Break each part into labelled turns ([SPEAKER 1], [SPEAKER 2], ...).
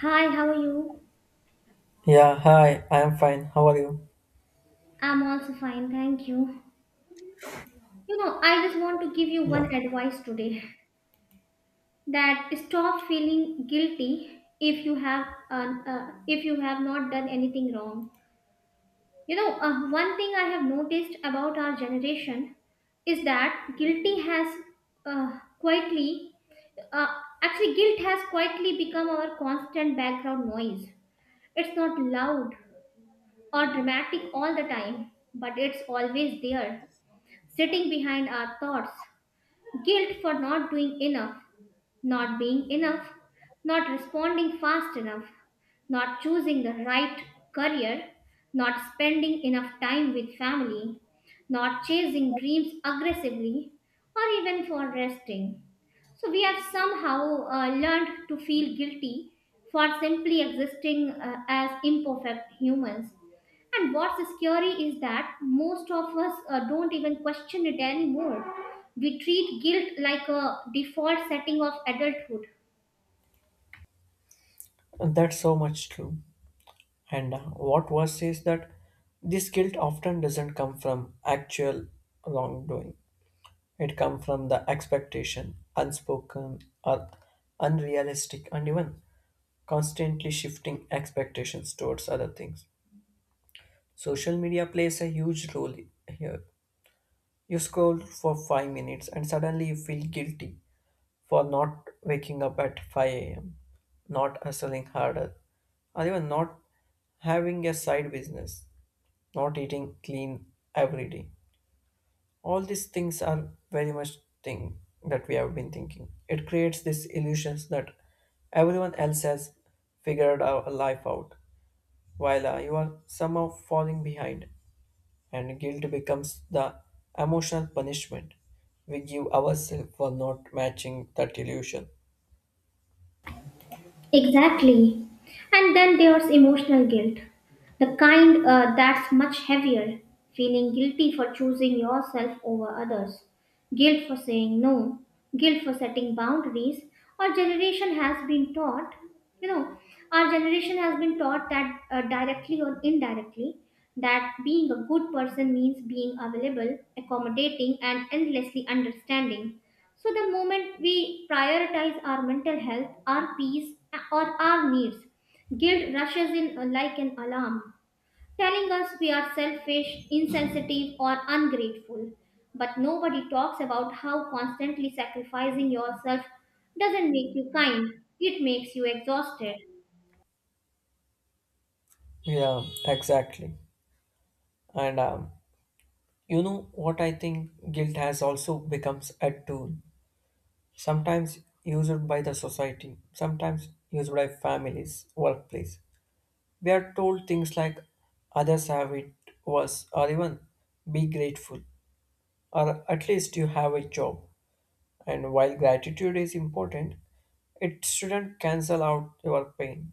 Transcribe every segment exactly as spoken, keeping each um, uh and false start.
[SPEAKER 1] Hi, how are you?
[SPEAKER 2] Yeah, hi, I am fine. How are you?
[SPEAKER 1] I'm also fine, thank you. You know, I just want to give you
[SPEAKER 2] Yeah,
[SPEAKER 1] one advice today that stop feeling guilty if you have uh, uh, if you have not done anything wrong. You know, uh, one thing I have noticed about our generation is that guilty has uh, quietly uh, actually guilt has quietly become our constant background noise. It's not loud or dramatic all the time, but it's always there sitting behind our thoughts, guilt for not doing enough, not being enough, not responding fast enough, not choosing the right career, not spending enough time with family, not chasing dreams aggressively, or even for resting. So we have somehow uh, learned to feel guilty for simply existing uh, as imperfect humans, and what's scary is that most of us uh, don't even question it anymore. We treat guilt like a default setting of adulthood.
[SPEAKER 2] that's so much true. And uh, what worse is that this guilt often doesn't come from actual wrongdoing. It comes from the expectation, unspoken or unrealistic, and even constantly shifting expectations towards other things. Social media plays a huge role here. You scroll for five minutes and suddenly you feel guilty for not waking up at five a m, not hustling harder, or even not having a side business, not eating clean every day. All these things are very much thing that we have been thinking. It creates this illusions that everyone else has figured our life out, while uh, you are somehow falling behind, and guilt becomes the emotional punishment we give ourselves for not matching that illusion.
[SPEAKER 1] Exactly. And then there's emotional guilt, the kind uh, that's much heavier, feeling guilty for choosing yourself over others. Guilt for saying no, guilt for setting boundaries. Our generation has been taught, you know, our generation has been taught that uh, directly or indirectly, that being a good person means being available, accommodating, and endlessly understanding. So, the moment we prioritize our mental health, our peace, or our needs, guilt rushes in uh, like an alarm telling us we are selfish, insensitive, or ungrateful. But nobody talks about how constantly sacrificing yourself doesn't make you kind, it makes you exhausted.
[SPEAKER 2] Yeah, exactly. And um, you know what I think guilt has also becomes a tool. Sometimes used by the society, sometimes used by families, workplace. We are told things like others have it worse or even be grateful or at least you have a job. And while gratitude is important, it shouldn't cancel out your pain.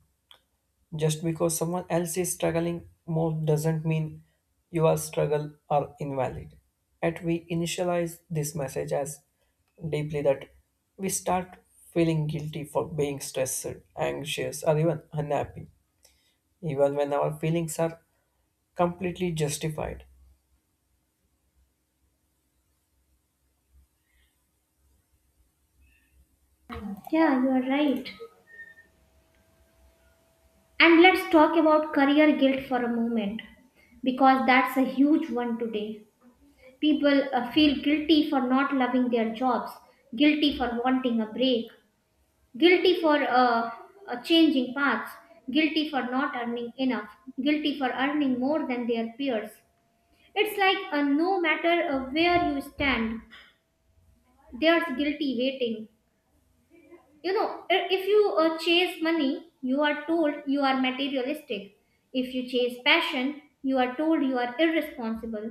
[SPEAKER 2] Just because someone else is struggling more doesn't mean your struggle are invalid. Yet we initialize this message as deeply that we start feeling guilty for being stressed, anxious, or even unhappy, even when our feelings are completely justified.
[SPEAKER 1] Yeah, you are right. And let's talk about career guilt for a moment because that's a huge one today. People uh, feel guilty for not loving their jobs, guilty for wanting a break, guilty for uh, uh, changing paths, guilty for not earning enough, guilty for earning more than their peers. It's like uh, no matter uh, where you stand, there's guilty waiting. You know, i- if you uh, chase money, you are told you are materialistic. If you chase passion, you are told you are irresponsible.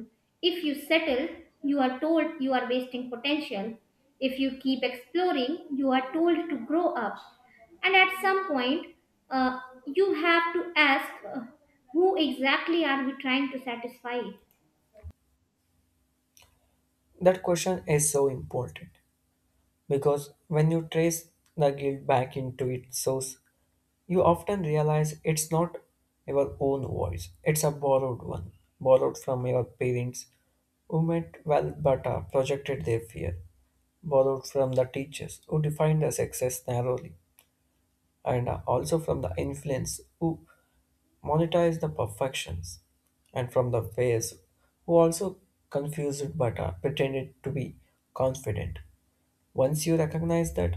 [SPEAKER 1] If you settle, you are told you are wasting potential. If you keep exploring, you are told to grow up. And at some point, uh, you have to ask, uh, who exactly are we trying to satisfy?
[SPEAKER 2] That question is so important because when you trace the guilt back into its source, you often realize it's not your own voice, it's a borrowed one, borrowed from your parents who meant well but uh, projected their fear, borrowed from the teachers who defined the success narrowly, and uh, also from the influence who monetized the perfections, and from the ways who also confused but uh, pretended to be confident. Once you recognize that,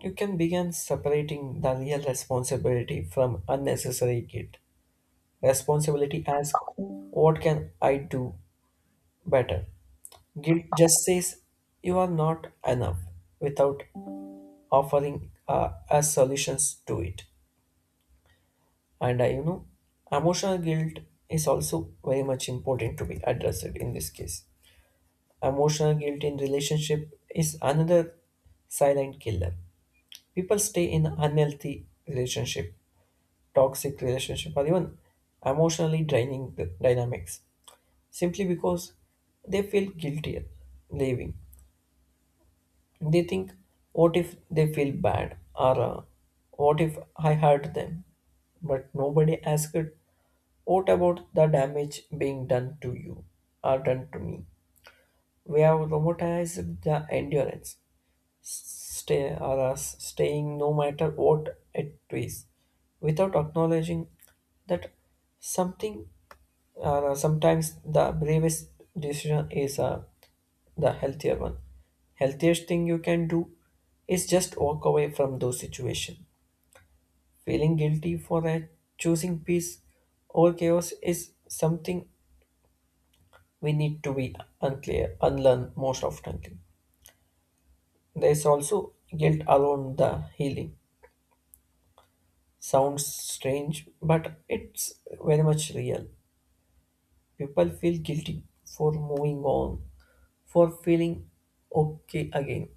[SPEAKER 2] you can begin separating the real responsibility from unnecessary guilt. Responsibility asks, what can I do better? Guilt just says, you are not enough without offering uh, us solutions to it. And uh, you know, emotional guilt is also very much important to be addressed in this case. Emotional guilt in relationship is another silent killer. People stay in unhealthy relationship, toxic relationship, or even emotionally draining the dynamics simply because they feel guilty leaving. They think, what if they feel bad or uh, what if I hurt them? But nobody asked, what about the damage being done to you or done to me? We have robotized the endurance stay or us staying no matter what it is without acknowledging that something or uh, sometimes the bravest decision is uh, the healthier one healthiest thing you can do is just walk away from those situation feeling guilty for uh, choosing peace over chaos is something we need to be unclear unlearn most often. There's also guilt around the healing sounds strange, but it's very much real. People feel guilty for moving on, for feeling okay again,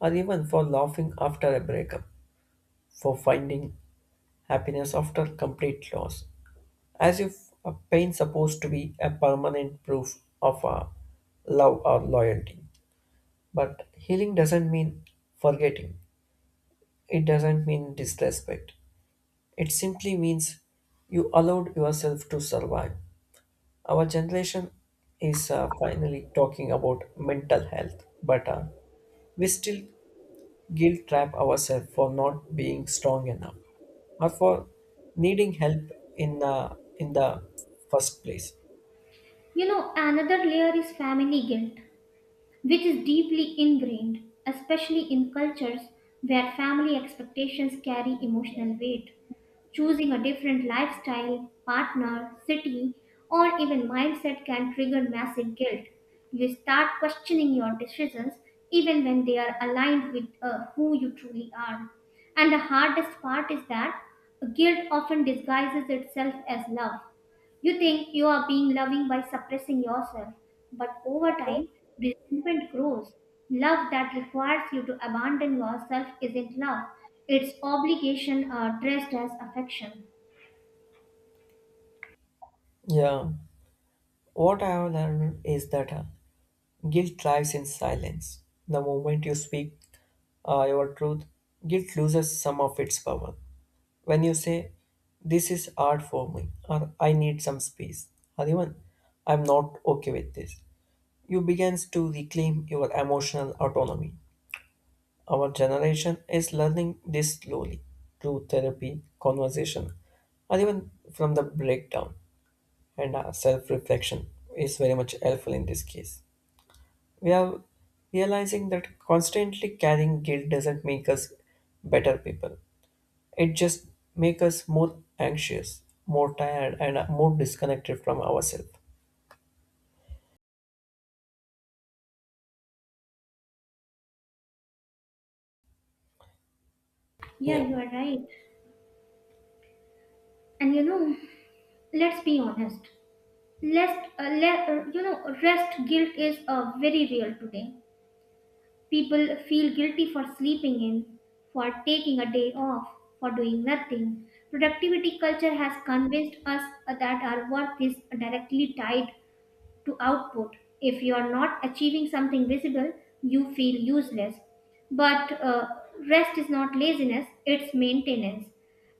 [SPEAKER 2] or even for laughing after a breakup, for finding happiness after complete loss, as if a pain supposed to be a permanent proof of our love or loyalty. But healing doesn't mean forgetting. It doesn't mean disrespect. It simply means you allowed yourself to survive. Our generation is uh, finally talking about mental health, but uh, we still guilt trap ourselves for not being strong enough or for needing help in the in the first place.
[SPEAKER 1] You know, another layer is family guilt, which is deeply ingrained, especially in cultures where family expectations carry emotional weight. Choosing a different lifestyle, partner, city, or even mindset can trigger massive guilt. You start questioning your decisions even when they are aligned with uh, who you truly are. And the hardest part is that guilt often disguises itself as love. You think you are being loving by suppressing yourself, but over time, resentment grows. Love that requires you to abandon yourself isn't love, it's obligation uh, dressed as affection.
[SPEAKER 2] Yeah, what I have learned is that uh, guilt lies in silence. The moment you speak uh, your truth, guilt loses some of its power. When you say this is hard for me or I need some space or even I'm not okay with this, you begins to reclaim your emotional autonomy. Our generation is learning this slowly through therapy conversation or even from the breakdown, and uh, self-reflection is very much helpful in this case. We are realizing that constantly carrying guilt doesn't make us better people. It just make us more anxious, more tired, and uh, more disconnected from ourselves. Yeah.
[SPEAKER 1] Yeah, you are right. And you know, let's be honest. Lest, uh, le- uh, you know, rest guilt is uh, very real today. People feel guilty for sleeping in, for taking a day off, for doing nothing. Productivity culture has convinced us that our worth is directly tied to output. If you are not achieving something visible, you feel useless. But uh, rest is not laziness, it's maintenance.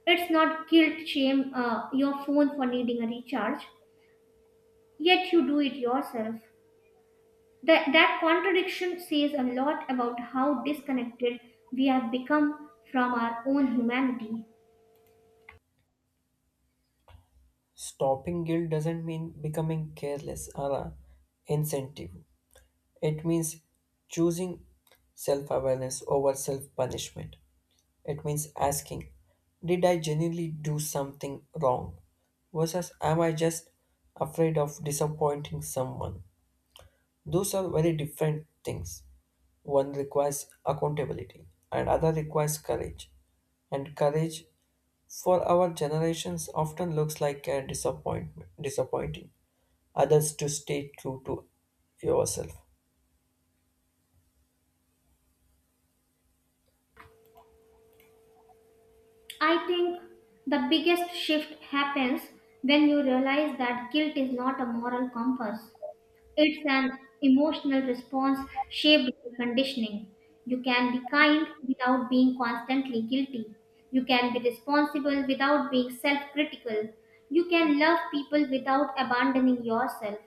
[SPEAKER 1] It's not guilt, shame uh, your phone for needing a recharge, yet you do it yourself. That, that contradiction says a lot about how disconnected we have become from our own humanity.
[SPEAKER 2] Stopping guilt doesn't mean becoming careless or uh, insensitive. It means choosing self awareness over self punishment. It means asking, did I genuinely do something wrong? Versus am I just afraid of disappointing someone? Those are very different things. One requires accountability, and other requires courage, and courage for our generations often looks like a disappointment disappointing others to stay true to yourself.
[SPEAKER 1] I think the biggest shift happens when you realize that guilt is not a moral compass. It's an emotional response shaped by conditioning. You can be kind without being constantly guilty. You can be responsible without being self critical. You can love people without abandoning yourself.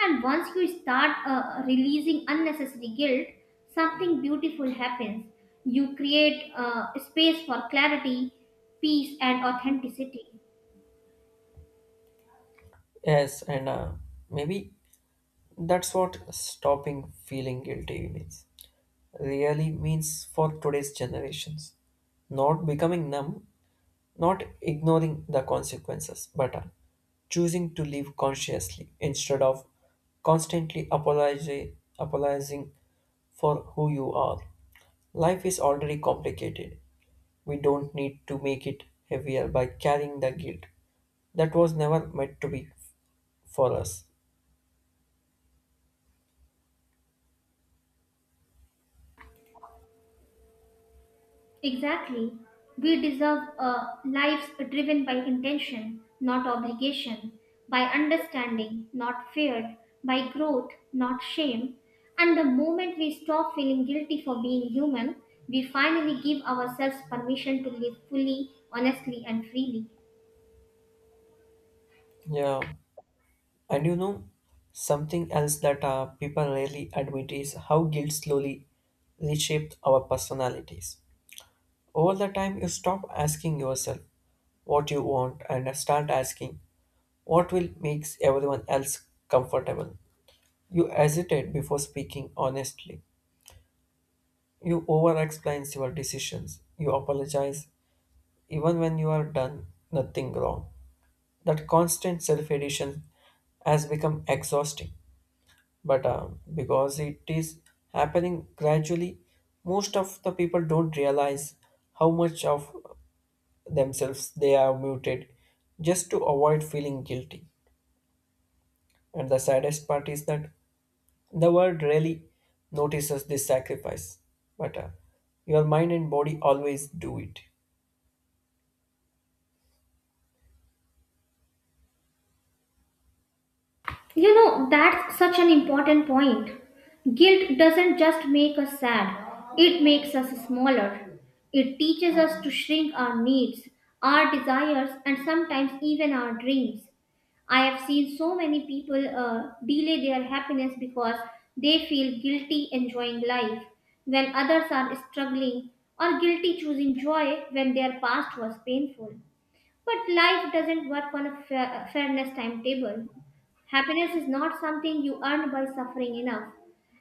[SPEAKER 1] And once you start uh, releasing unnecessary guilt, something beautiful happens. You create uh, space for clarity, peace, and authenticity.
[SPEAKER 2] Yes, and uh, maybe that's what stopping feeling guilty means really means for today's generations, not becoming numb, not ignoring the consequences, but uh, choosing to live consciously instead of constantly apologi- apologizing for who you are. Life is already complicated. We don't need to make it heavier by carrying the guilt that was never meant to be for us.
[SPEAKER 1] Exactly. We deserve a lives driven by intention, not obligation, by understanding, not fear, by growth, not shame. And the moment we stop feeling guilty for being human, we finally give ourselves permission to live fully, honestly, and freely.
[SPEAKER 2] Yeah, and you know, something else that uh, people rarely admit is how guilt slowly reshapes our personalities. Over the time, you stop asking yourself what you want and start asking what will make everyone else comfortable. You hesitate before speaking honestly. You over explain your decisions. You apologize even when you are done nothing wrong. That constant self edition has become exhausting. But uh, because it is happening gradually, most of the people don't realize how much of themselves they are muted just to avoid feeling guilty. And the saddest part is that the world rarely notices this sacrifice, but uh, your mind and body always do it.
[SPEAKER 1] You know, that's such an important point. Guilt doesn't just make us sad, it makes us smaller. It teaches us to shrink our needs, our desires, and sometimes even our dreams. I have seen so many people uh, delay their happiness because they feel guilty enjoying life when others are struggling, or guilty choosing joy when their past was painful. But life doesn't work on a fa- fairness timetable. Happiness is not something you earn by suffering enough.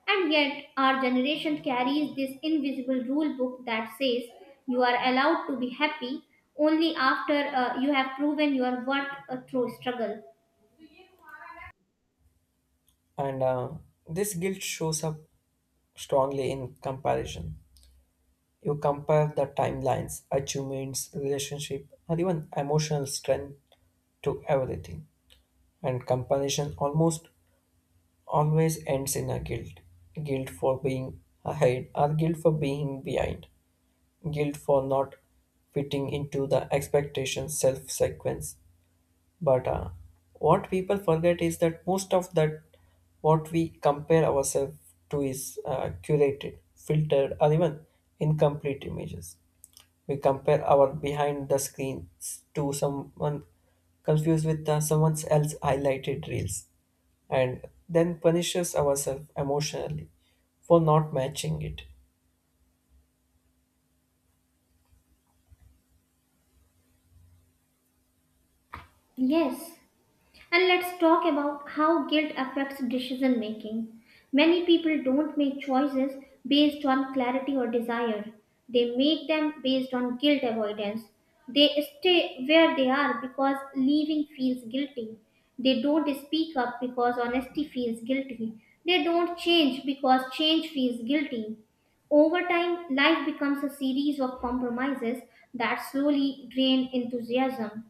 [SPEAKER 1] And yet, our generation carries this invisible rule book that says you are allowed to be happy only after uh, you have proven your worth uh, through struggle.
[SPEAKER 2] And uh, this guilt shows up strongly in comparison. You compare the timelines, achievements, relationship, or even emotional strength to everything. And comparison almost always ends in a guilt, guilt for being ahead, or guilt for being behind, guilt for not fitting into the expectation self sequence. But uh, what people forget is that most of that what we compare ourselves to is uh, curated, filtered, or even incomplete images. We compare our behind the scenes to someone confused with uh, someone else's highlighted reels, and then punishes ourselves emotionally for not matching it.
[SPEAKER 1] Yes, and let's talk about how guilt affects decision making. Many people don't make choices based on clarity or desire, they make them based on guilt avoidance. They stay where they are because leaving feels guilty. They don't speak up because honesty feels guilty. They don't change because change feels guilty. Over time, life becomes a series of compromises that slowly drain enthusiasm.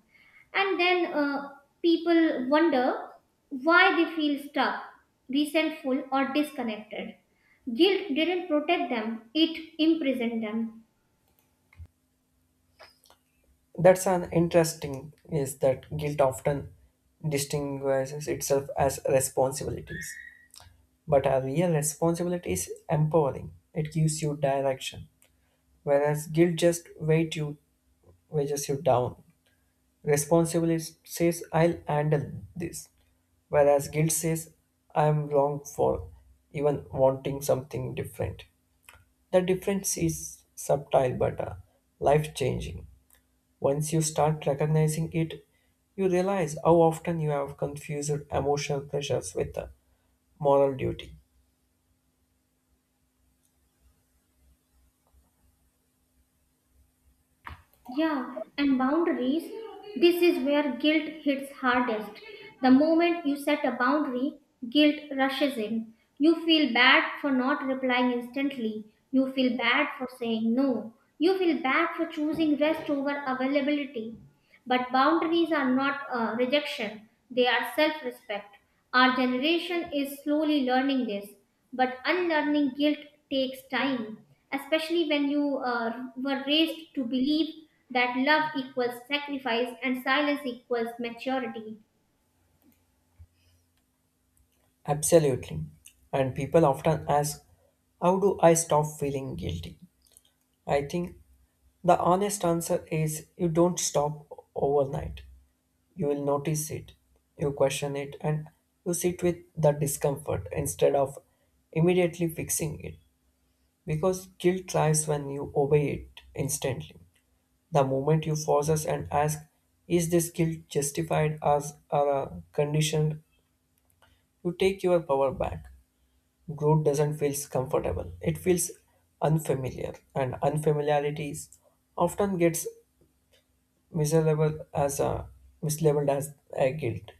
[SPEAKER 1] And then uh, people wonder why they feel stuck, resentful, or disconnected. Guilt didn't protect them, it imprisoned them.
[SPEAKER 2] That's an interesting is that guilt often distinguishes itself as responsibilities. But a real responsibility is empowering. It gives you direction. Whereas guilt just weight you weighs you down. Responsibility says, I'll handle this, whereas guilt says, I'm wrong for even wanting something different. The difference is subtle but uh, life changing. Once you start recognizing it, you realize how often you have confused emotional pressures with uh, moral duty.
[SPEAKER 1] Yeah, and boundaries, this is where guilt hits hardest. The moment you set a boundary, guilt rushes in. You feel bad for not replying instantly. You feel bad for saying no. You feel bad for choosing rest over availability. But boundaries are not uh, rejection, they are self respect. Our generation is slowly learning this, but unlearning guilt takes time, especially when you uh, were raised to believe that love equals sacrifice and silence equals maturity.
[SPEAKER 2] Absolutely. And people often ask, how do I stop feeling guilty? I think the honest answer is you don't stop overnight. You will notice it, you question it, and you sit with the discomfort instead of immediately fixing it. Because guilt lies when you obey it instantly. The moment you pause us and ask, is this guilt justified as or uh, conditioned? You take your power back. Growth doesn't feel comfortable, it feels unfamiliar, and unfamiliarity is often gets mislabeled as a mislabeled as a guilt.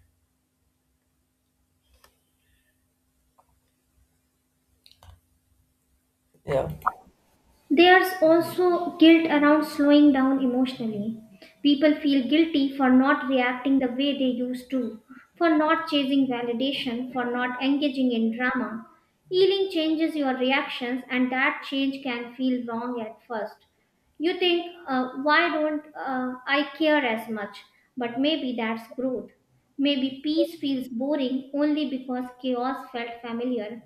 [SPEAKER 2] Yeah,
[SPEAKER 1] There's also guilt around slowing down emotionally. People feel guilty for not reacting the way they used to, for not chasing validation, for not engaging in drama. Healing changes your reactions, and that change can feel wrong at first. You think, uh, why don't uh, I care as much? But maybe that's growth. Maybe peace feels boring only because chaos felt familiar.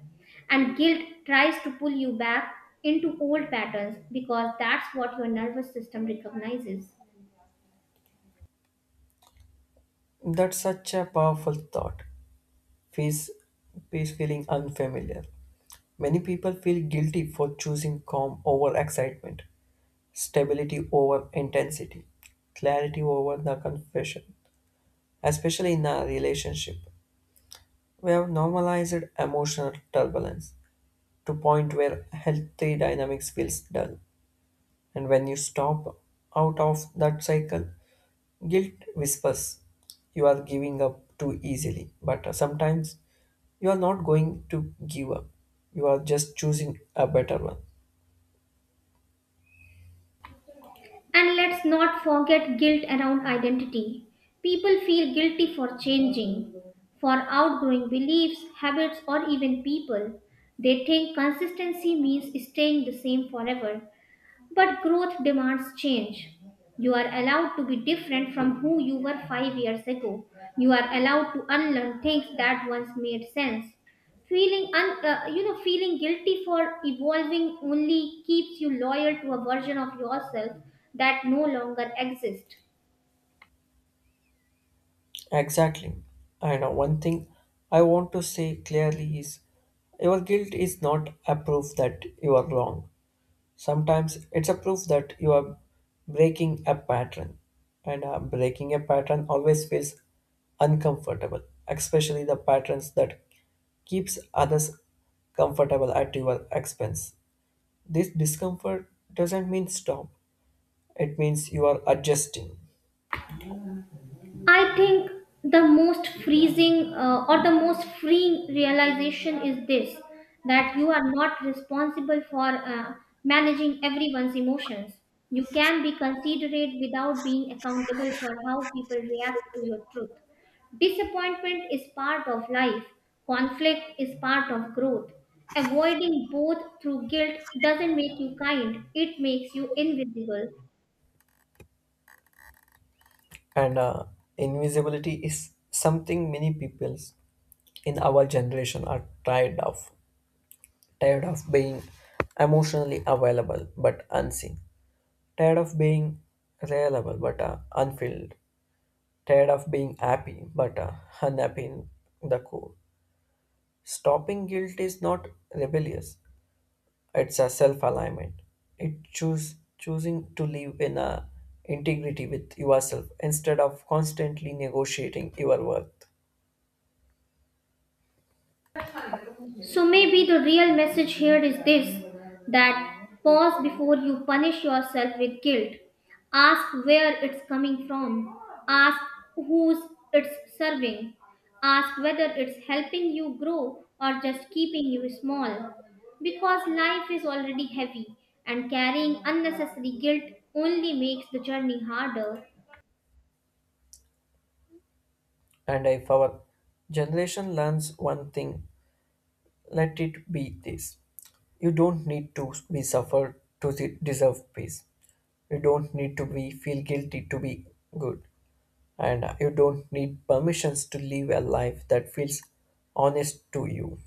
[SPEAKER 1] And guilt tries to pull you back into old patterns because that's what your nervous system recognizes.
[SPEAKER 2] that's such a powerful thought. Peace, peace feeling unfamiliar. Many people feel guilty for choosing calm over excitement, stability over intensity, clarity over the confession, especially in a relationship. We have normalized emotional turbulence to point where healthy dynamics feels dull. And when you stop out of that cycle, guilt whispers, you are giving up too easily, but uh, sometimes you are not going to give up. You are just choosing a better one.
[SPEAKER 1] And let's not forget guilt around identity. People feel guilty for changing, for outgrowing beliefs, habits, or even people. They think consistency means staying the same forever, but growth demands change. You are allowed to be different from who you were five years ago. You are allowed to unlearn things that once made sense. Feeling, un- uh, you know, feeling guilty for evolving only keeps you loyal to a version of yourself that no longer exists.
[SPEAKER 2] Exactly. I know one thing I want to say clearly is your guilt is not a proof that you are wrong. Sometimes it's a proof that you are breaking a pattern, and uh, breaking a pattern always feels uncomfortable, especially the patterns that keeps others comfortable at your expense. This discomfort doesn't mean stop; it means you are adjusting.
[SPEAKER 1] I think the most freezing uh, or the most freeing realization is this, that you are not responsible for uh, managing everyone's emotions. You can be considerate without being accountable for how people react to your truth. Disappointment is part of life, conflict is part of growth. Avoiding both through guilt doesn't make you kind, it makes you invisible.
[SPEAKER 2] And uh, invisibility is something many people in our generation are tired of, tired of being emotionally available but unseen, tired of being reliable but uh, unfilled, tired of being happy but uh, unhappy in the core. Stopping guilt is not rebellious; it's a self-alignment. It choose choosing to live in a integrity with yourself instead of constantly negotiating your worth.
[SPEAKER 1] So maybe the real message here is this, that pause before you punish yourself with guilt. Ask where it's coming from. Ask who's it's serving. Ask whether it's helping you grow or just keeping you small. Because life is already heavy and carrying unnecessary guilt only makes the journey harder.
[SPEAKER 2] And if our generation learns one thing, let it be this. You don't need to be suffered to de- deserve peace. You don't need to be feel guilty to be good. And you don't need permissions to live a life that feels honest to you.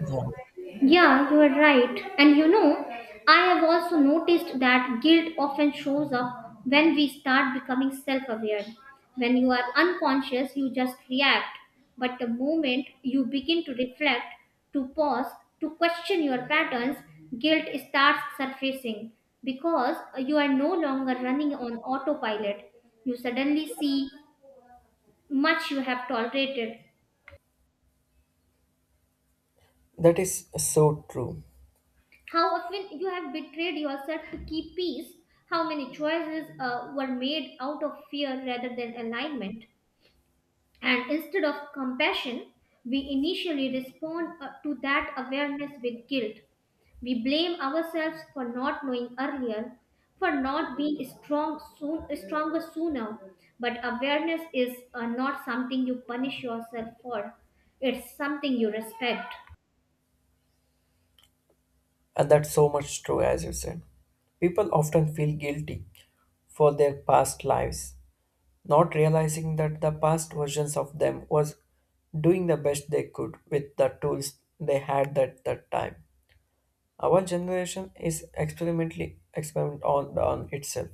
[SPEAKER 2] Yeah.
[SPEAKER 1] Yeah, you are right. And you know, I have also noticed that guilt often shows up when we start becoming self aware. When you are unconscious, you just react. But the moment you begin to reflect, to pause, to question your patterns, guilt starts surfacing because you are no longer running on autopilot. You suddenly see much you have tolerated.
[SPEAKER 2] That is so true.
[SPEAKER 1] How often you have betrayed yourself to keep peace? How many choices uh, were made out of fear rather than alignment? And instead of compassion, we initially respond uh, to that awareness with guilt. We blame ourselves for not knowing earlier, for not being strong soon, stronger sooner. But awareness is uh, not something you punish yourself for. It's something you respect.
[SPEAKER 2] And that's so much true, as you said. People often feel guilty for their past lives not realizing that the past versions of them was doing the best they could with the tools they had at that time. Our generation is experimentally experiment on, on itself.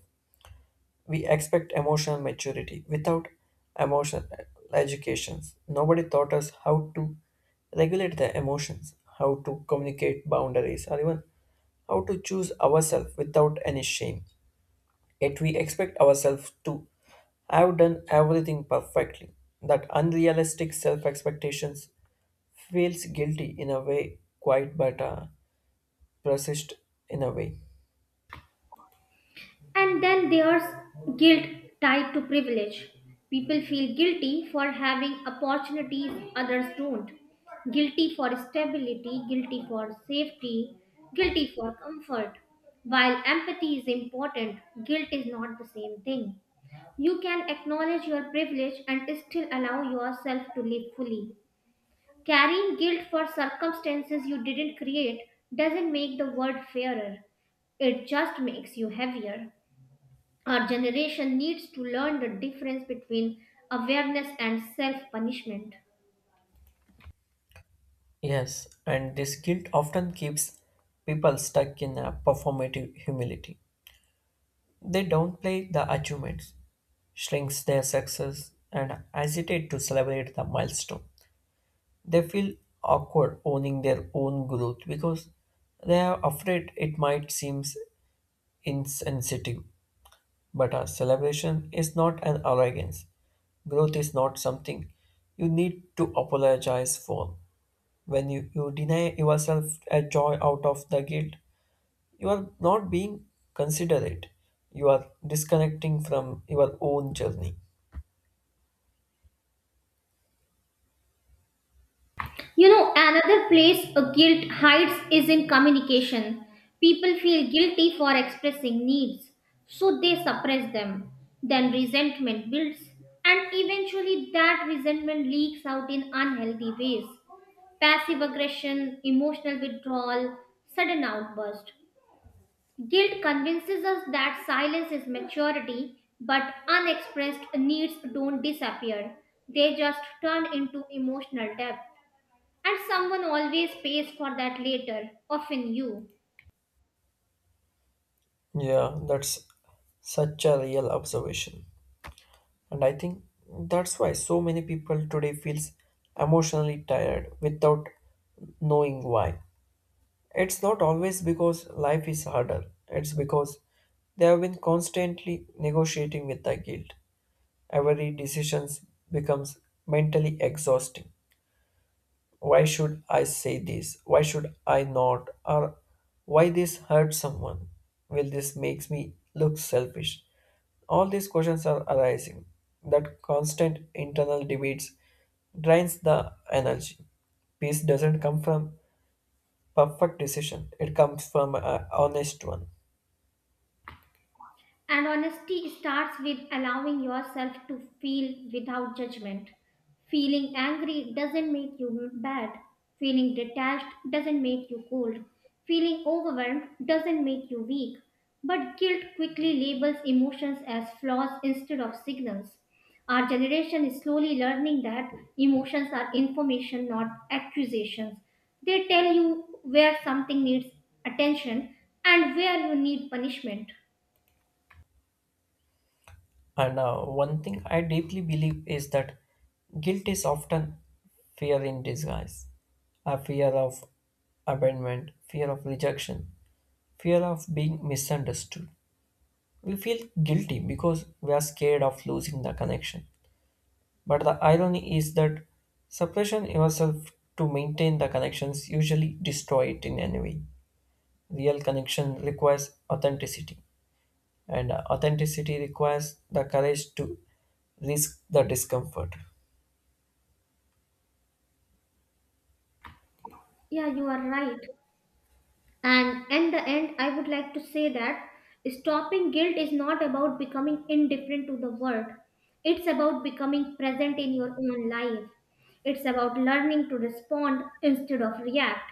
[SPEAKER 2] We expect emotional maturity without emotional educations. Nobody taught us how to regulate the emotions, how to communicate boundaries, or even how to choose ourselves without any shame. Yet we expect ourselves to have done everything perfectly. That unrealistic self expectations feels guilty in a way, quite but uh, persist in a way.
[SPEAKER 1] And then there's guilt tied to privilege. People feel guilty for having opportunities others don't, guilty for stability, guilty for safety, guilty for comfort. While empathy is important, guilt is not the same thing. You can acknowledge your privilege and still allow yourself to live fully. Carrying guilt for circumstances you didn't create doesn't make the world fairer, it just makes you heavier. Our generation needs to learn the difference between awareness and self punishment.
[SPEAKER 2] Yes, and this guilt often keeps people stuck in a performative humility. They downplay the achievements, shrinks their success, and hesitate to celebrate the milestone. They feel awkward owning their own growth because they are afraid it might seem insensitive, but a celebration is not an arrogance. Growth is not something you need to apologize for. When you, you deny yourself a joy out of the guilt, you are not being considerate. You are disconnecting from your own journey.
[SPEAKER 1] You know, another place a guilt hides is in communication. People feel guilty for expressing needs, so they suppress them. Then resentment builds, and eventually that resentment leaks out in unhealthy ways. Passive aggression, emotional withdrawal, sudden outburst. Guilt convinces us that silence is maturity, but unexpressed needs don't disappear. They just turn into emotional depth. And someone always pays for that later, often you.
[SPEAKER 2] Yeah, that's such a real observation. And I think that's why so many people today feels emotionally tired without knowing why. It's not always because life is harder, it's because they have been constantly negotiating with the guilt. Every decision becomes mentally exhausting. Why should I say this? Why should I not? Or why this hurt someone? Will this makes me look selfish? All these questions are arising. That constant internal debates drains the energy. Peace doesn't come from perfect decision. It comes from an honest one.
[SPEAKER 1] And honesty starts with allowing yourself to feel without judgment. Feeling angry doesn't make you bad. Feeling detached doesn't make you cold. Feeling overwhelmed doesn't make you weak. But guilt quickly labels emotions as flaws instead of signals. Our generation is slowly learning that emotions are information, not accusations. They tell you where something needs attention and where you need punishment.
[SPEAKER 2] And uh, one thing I deeply believe is that guilt is often fear in disguise, a fear of abandonment, fear of rejection, fear of being misunderstood. We feel guilty because we are scared of losing the connection. But the irony is that suppression yourself to maintain the connections usually destroy it in any way. Real connection requires authenticity, and authenticity requires the courage to risk the discomfort.
[SPEAKER 1] Yeah, you are right. And in the end, I would like to say that stopping guilt is not about becoming indifferent to the world. It's about becoming present in your own life. It's about learning to respond instead of react,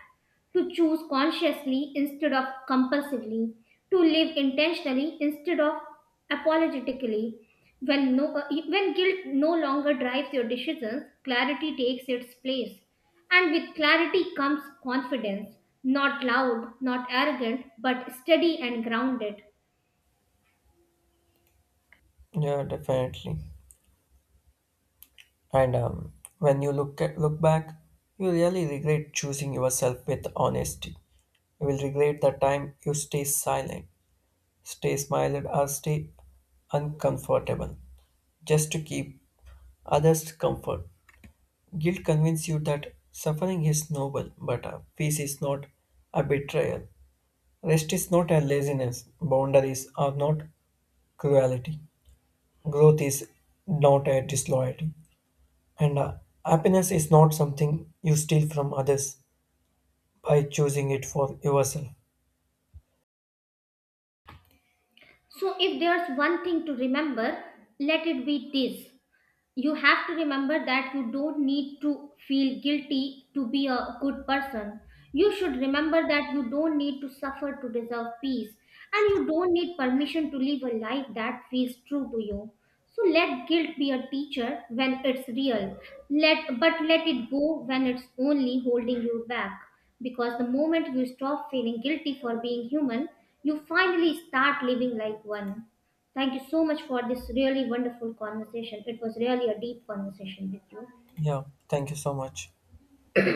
[SPEAKER 1] to choose consciously instead of compulsively, to live intentionally instead of apologetically. When, no, when guilt no longer drives your decisions, clarity takes its place. And with clarity comes confidence, not loud, not arrogant, but steady and grounded.
[SPEAKER 2] Yeah, definitely. And um, when you look at, look back, you really regret choosing yourself with honesty. You will regret the time you stay silent, stay smiled, or stay uncomfortable just to keep others comfort. Guilt convinces you that suffering is noble, but uh, peace is not a betrayal. Rest is not a laziness. Boundaries are not cruelty. Growth is not a disloyalty, and uh, happiness is not something you steal from others by choosing it for yourself.
[SPEAKER 1] So, if there's one thing to remember, let it be this: you have to remember that you don't need to feel guilty to be a good person. You should remember that you don't need to suffer to deserve peace, and you don't need permission to live a life that feels true to you. So let guilt be a teacher when it's real. Let but let it go when it's only holding you back, because the moment you stop feeling guilty for being human, you finally start living like one. Thank you so much for this really wonderful conversation. It was really a deep conversation with you.
[SPEAKER 2] Yeah, thank you so much.